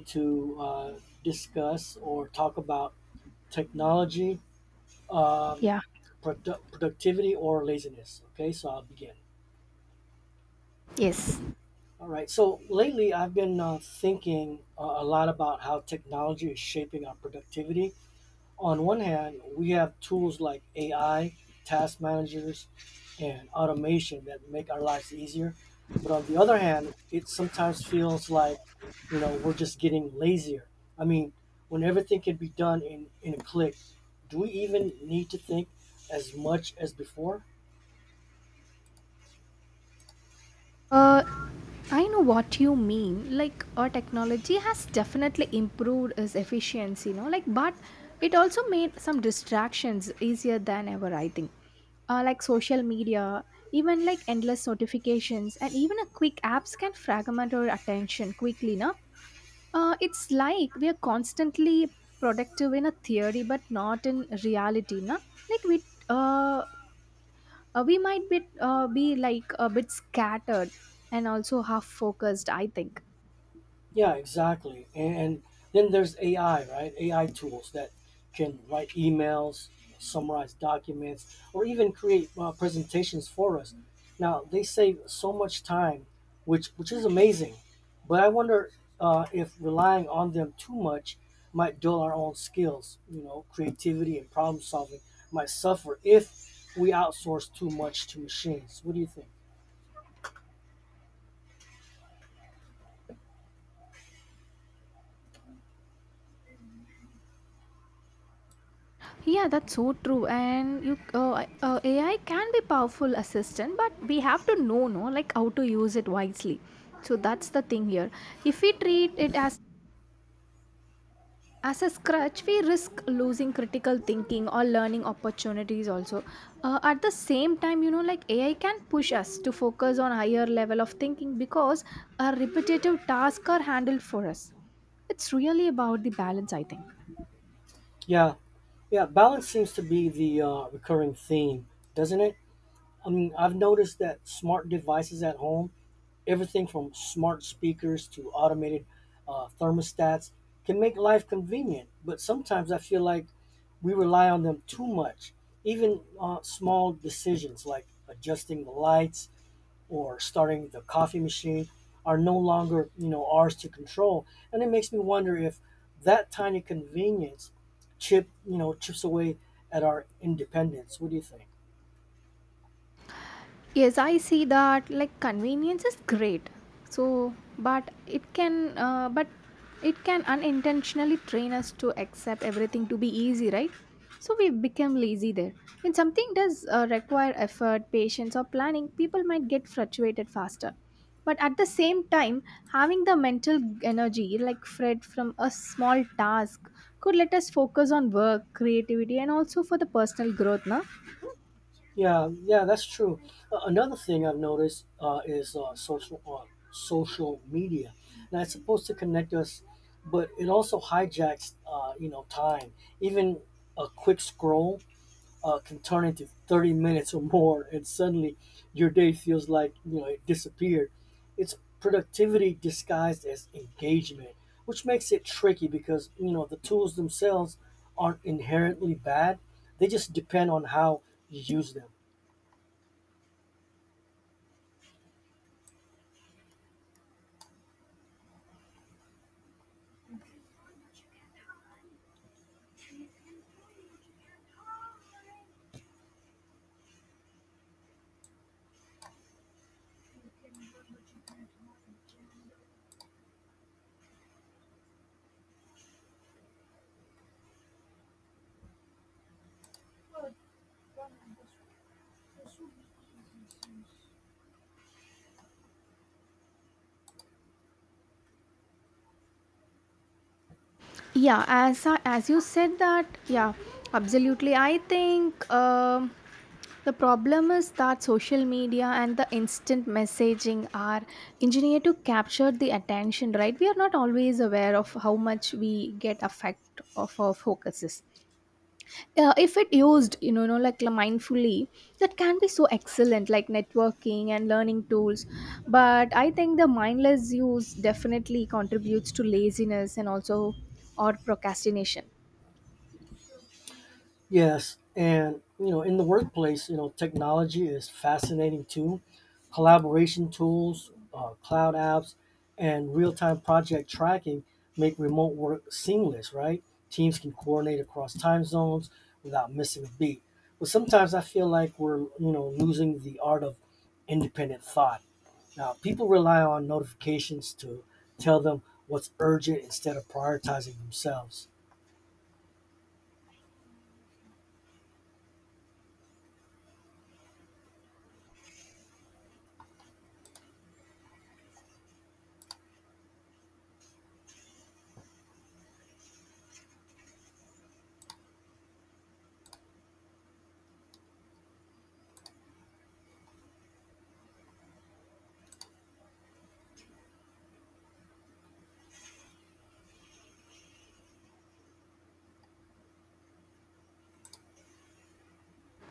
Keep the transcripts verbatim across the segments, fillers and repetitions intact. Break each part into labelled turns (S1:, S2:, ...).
S1: To uh, discuss or talk about technology, um,
S2: Yeah.
S1: produ- productivity, or laziness. Okay, so I'll begin.
S2: Yes.
S1: All right, so lately I've been uh, thinking uh, a lot about how technology is shaping our productivity. On one hand, we have tools like A I, task managers, and automation that make our lives easier. But on the other hand, it sometimes feels like, you know, we're just getting lazier. I mean, when everything can be done in, in a click, do we even need to think as much as before?
S2: Uh, I know what you mean. Like, our technology has definitely improved its efficiency, you know. Like, but it also made some distractions easier than ever, I think. Uh, like social media, even like endless notifications, and even a quick apps can fragment our attention quickly, no? Uh, it's like we are constantly productive in a theory, but not in reality, no? Like, we uh, uh, we might be, uh, be like a bit scattered and also half focused I think.
S1: Yeah, exactly. And, and then there's A I, right? A I tools that can write emails, summarize documents, or even create uh, presentations for us. Now, they save so much time, which which is amazing. But I wonder uh, if relying on them too much might dull our own skills. You know, creativity and problem solving might suffer if we outsource too much to machines. What do you think?
S2: Yeah, that's so true. And you uh, uh, AI can be powerful assistant, but we have to know, no, like how to use it wisely. So that's the thing here. If we treat it as As a scratch, we risk losing critical thinking or learning opportunities also. Uh, at the same time, you know, like A I can push us to focus on higher level of thinking because our repetitive tasks are handled for us. It's really about the balance, I think.
S1: Yeah, yeah. Balance seems to be the uh, recurring theme, doesn't it? I mean, I've noticed that smart devices at home, everything from smart speakers to automated uh, thermostats, can make life convenient. But sometimes I feel like we rely on them too much. Even uh, small decisions like adjusting the lights or starting the coffee machine are no longer, you know, ours to control. And it makes me wonder if that tiny convenience chip, you know, chips away at our independence. What do you think?
S2: Yes, I see that like convenience is great. So, but it can, uh, but it can unintentionally train us to accept everything to be easy, right? So we become lazy there. When something does uh, require effort, patience, or planning, people might get frustrated faster. But at the same time, having the mental energy, like Fred, from a small task could let us focus on work, creativity, and also for the personal growth, na?
S1: Yeah, yeah, that's true. Uh, another thing I've noticed uh, is uh, social uh, social media. Now it's supposed to connect us, but it also hijacks, uh, you know, time. Even a quick scroll uh, can turn into thirty minutes or more, and suddenly your day feels like you know it disappeared. It's productivity disguised as engagement, which makes it tricky because you know the tools themselves aren't inherently bad. They just depend on how you use them.
S2: Yeah, as I- as you said that, yeah, absolutely, I think um, the problem is that social media and the instant messaging are engineered to capture the attention, right? We are not always aware of how much we get affect of our focuses. Uh, if it used you know, you know like mindfully, that can be so excellent like networking and learning tools. But I think the mindless use definitely contributes to laziness and also, or procrastination.
S1: Yes, and you know, in the workplace, you know, technology is fascinating too. Collaboration tools, uh, cloud apps, and real-time project tracking make remote work seamless. Right, teams can coordinate across time zones without missing a beat. But sometimes I feel like we're you know losing the art of independent thought. Now, people rely on notifications to tell them what's urgent instead of prioritizing themselves.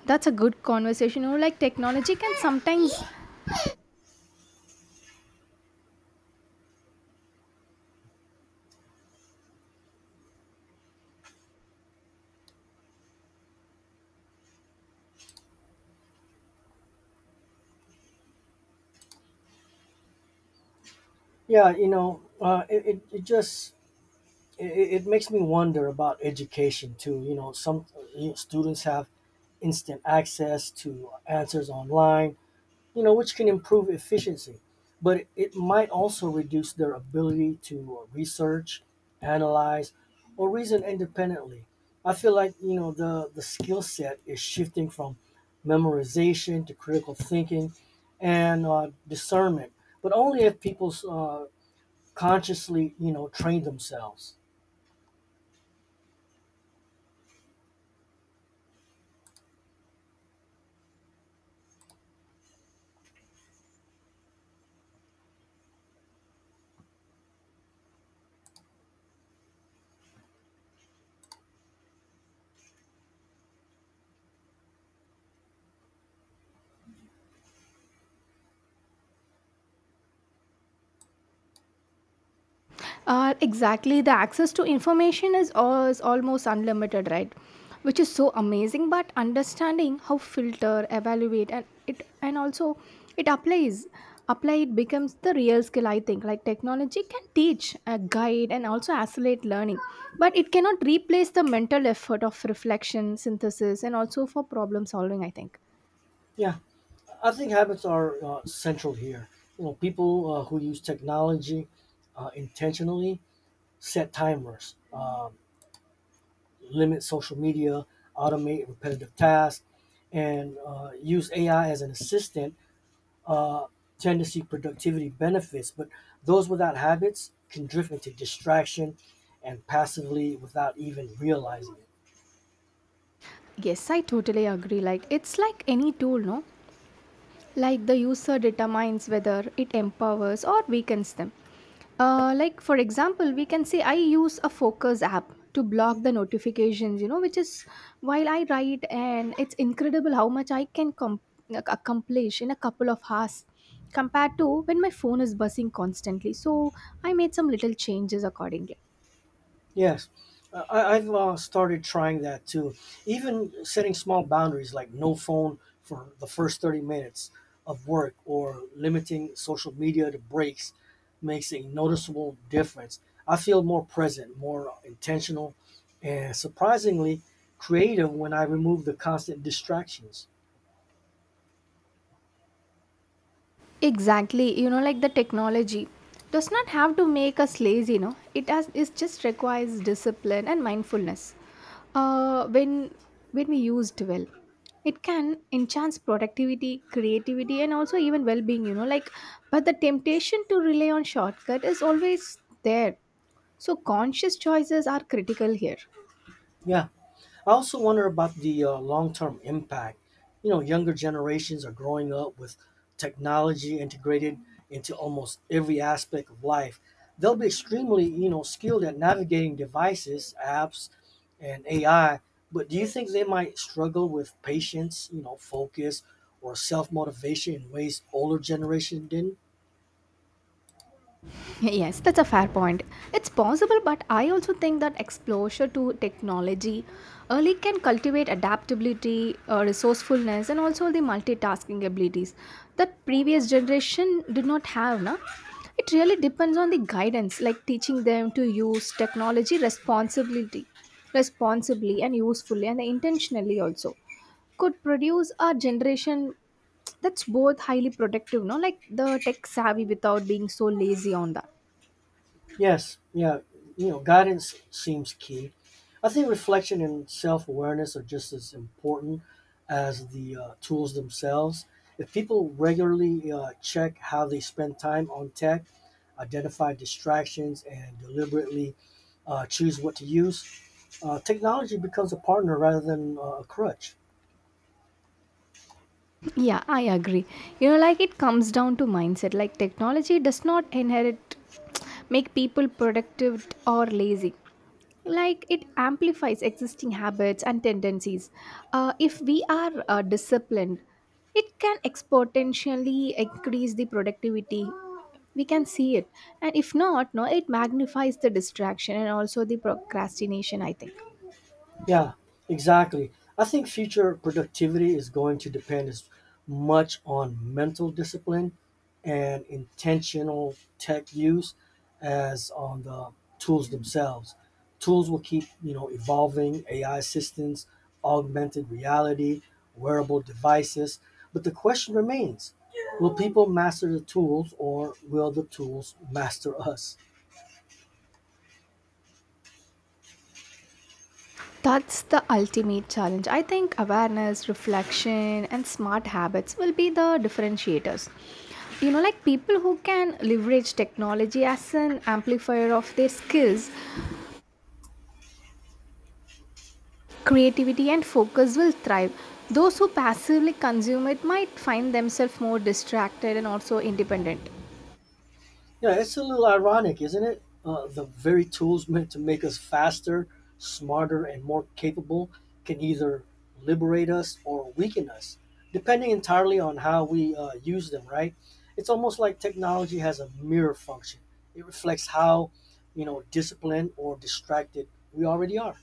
S2: That's a good conversation. You know, like technology can sometimes,
S1: Yeah, you know, uh, it, it, it just it, it makes me wonder about education too. You know, some you know, students have instant access to answers online, you know, which can improve efficiency, but it might also reduce their ability to research, analyze, or reason independently. I feel like, you know, the, the skill set is shifting from memorization to critical thinking and uh, discernment, but only if people uh, consciously, you know, train themselves.
S2: uh, exactly, the access to information is, al- is almost unlimited, right? Which is so amazing. But understanding how filter, evaluate, and it and also it applies, apply it becomes the real skill. I think like technology can teach, uh, guide, and also accelerate learning, but it cannot replace the mental effort of reflection, synthesis, and also for problem solving. I think.
S1: Yeah. I think habits are uh, central here. You know, people uh, who use technology uh, intentionally set timers, um, limit social media, automate repetitive tasks, and uh, use A I as an assistant uh, tend to see productivity benefits. But those without habits can drift into distraction and passively without even realizing it.
S2: Yes, I totally agree. Like it's like any tool, no? Like the user determines whether it empowers or weakens them. Uh, like, for example, we can say I use a focus app to block the notifications, you know, which is while I write, and it's incredible how much I can com- like, accomplish in a couple of hours compared to when my phone is buzzing constantly. So I made some little changes accordingly.
S1: Yes, uh, I, I've uh, started trying that too. Even setting small boundaries like no phone for the first thirty minutes of work or limiting social media to breaks makes a noticeable difference. I feel more present, more intentional, and surprisingly creative when I remove the constant distractions.
S2: Exactly, you know, like the technology does not have to make us lazy, you know, it has it just requires discipline and mindfulness. Uh, when when we used well, it can enhance productivity, creativity, and also even well-being. You know, like but the temptation to rely on shortcut is always there. So conscious choices are critical here.
S1: Yeah. I also wonder about the uh, long-term impact. You know, younger generations are growing up with technology integrated into almost every aspect of life. They'll be extremely, you know, skilled at navigating devices, apps, and A I. But do you think they might struggle with patience, you know, focus, or self-motivation in ways older generation didn't?
S2: Yes, that's a fair point. It's possible, but I also think that exposure to technology early can cultivate adaptability, uh, resourcefulness, and also the multitasking abilities that previous generation did not have. Na? It really depends on the guidance, like teaching them to use technology responsibility, responsibly and usefully and intentionally also could produce a generation that's both highly productive, no, like the tech savvy without being so lazy on that.
S1: Yes, yeah, you know, guidance seems key. I think reflection and self awareness are just as important as the uh, tools themselves. If people regularly uh, check how they spend time on tech, identify distractions, and deliberately uh, choose what to use, uh, technology becomes a partner rather than uh, a crutch.
S2: Yeah, I agree. You know, like it comes down to mindset. Like technology does not inherit, make people productive or lazy. Like it amplifies existing habits and tendencies. Uh, if we are uh, disciplined, it can exponentially increase the productivity. We can see it, and if not, no, it magnifies the distraction and also the procrastination. I think.
S1: Yeah, exactly. I think future productivity is going to depend as much on mental discipline and intentional tech use as on the tools themselves. Tools will keep, you know, evolving A I systems, augmented reality, wearable devices, but the question remains, will people master the tools or will the tools master us?
S2: That's the ultimate challenge. I think awareness, reflection, and smart habits will be the differentiators. You know, like people who can leverage technology as an amplifier of their skills, creativity, and focus will thrive. Those who passively consume it might find themselves more distracted and also independent.
S1: Yeah, it's a little ironic, isn't it? Uh, the very tools meant to make us faster, smarter, and more capable can either liberate us or weaken us, depending entirely on how we uh, use them, right? It's almost like technology has a mirror function. It reflects how, you know, disciplined or distracted we already are.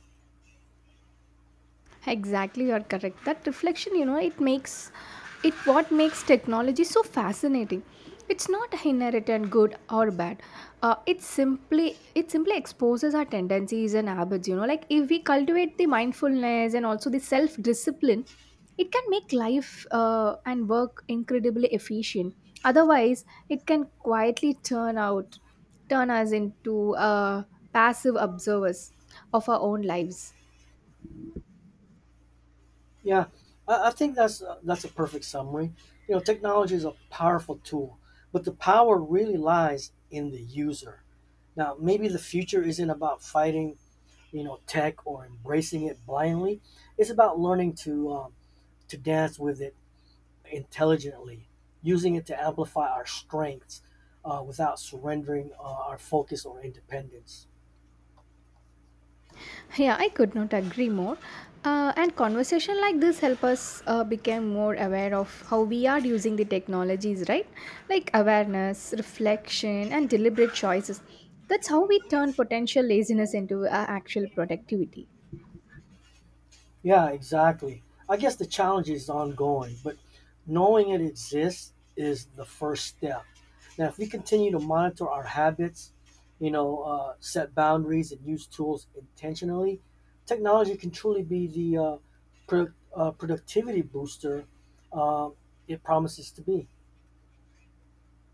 S2: Exactly, you're correct. That reflection, you know, it makes it what makes technology so fascinating. It's not inherited good or bad. Uh, it simply it simply exposes our tendencies and habits. You know, like if we cultivate the mindfulness and also the self discipline, it can make life uh, and work incredibly efficient. Otherwise, it can quietly turn out turn us into uh, passive observers of our own lives.
S1: Yeah, I, I think that's uh, that's a perfect summary. You know, technology is a powerful tool, but the power really lies in the user. Now, maybe the future isn't about fighting, you know, tech or embracing it blindly. It's about learning to um, to dance with it intelligently, using it to amplify our strengths uh, without surrendering uh, our focus or independence.
S2: Yeah, I could not agree more. Uh, and conversation like this help us uh, become more aware of how we are using the technologies, right? Like awareness, reflection, and deliberate choices. That's how we turn potential laziness into uh, actual productivity.
S1: Yeah, exactly. I guess the challenge is ongoing, but knowing it exists is the first step. Now, if we continue to monitor our habits, you know, uh, set boundaries and use tools intentionally, technology can truly be the uh, pro- uh, productivity booster uh, it promises to be.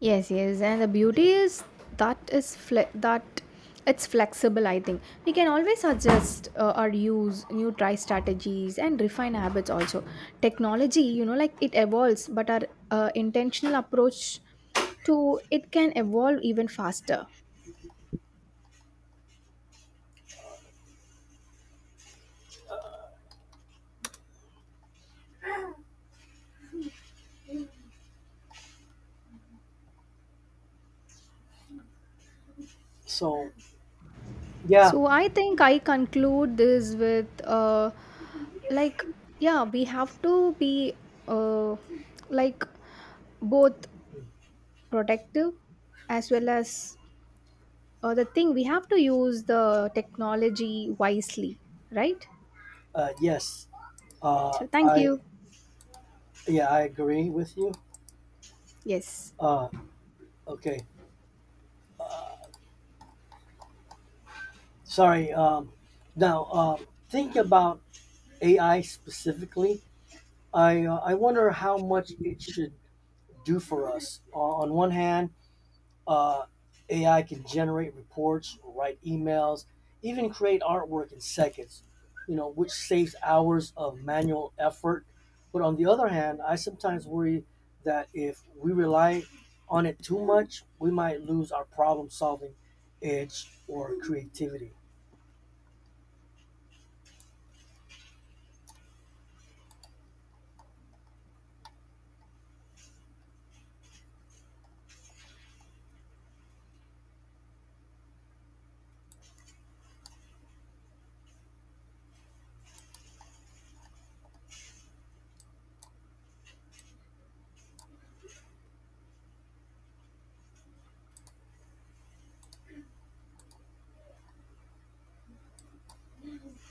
S2: Yes, yes, and the beauty is that is fle- that it's flexible. I think we can always adjust uh, or use new try strategies and refine habits. Also, technology, you know, like it evolves, but our uh, intentional approach to it can evolve even faster.
S1: So, yeah,
S2: So I think I conclude this with uh, like, yeah, we have to be uh, like both protective as well as uh, the thing, we have to use the technology wisely, right.
S1: uh, yes, uh,
S2: So thank
S1: I
S2: you.
S1: yeah, I agree with you.
S2: Yes.
S1: Uh, okay, sorry. Um, now, uh, think about A I specifically. I uh, I wonder how much it should do for us. On on one hand, uh, A I can generate reports, write emails, even create artwork in seconds. You know, which saves hours of manual effort. But on the other hand, I sometimes worry that if we rely on it too much, we might lose our problem solving edge or creativity.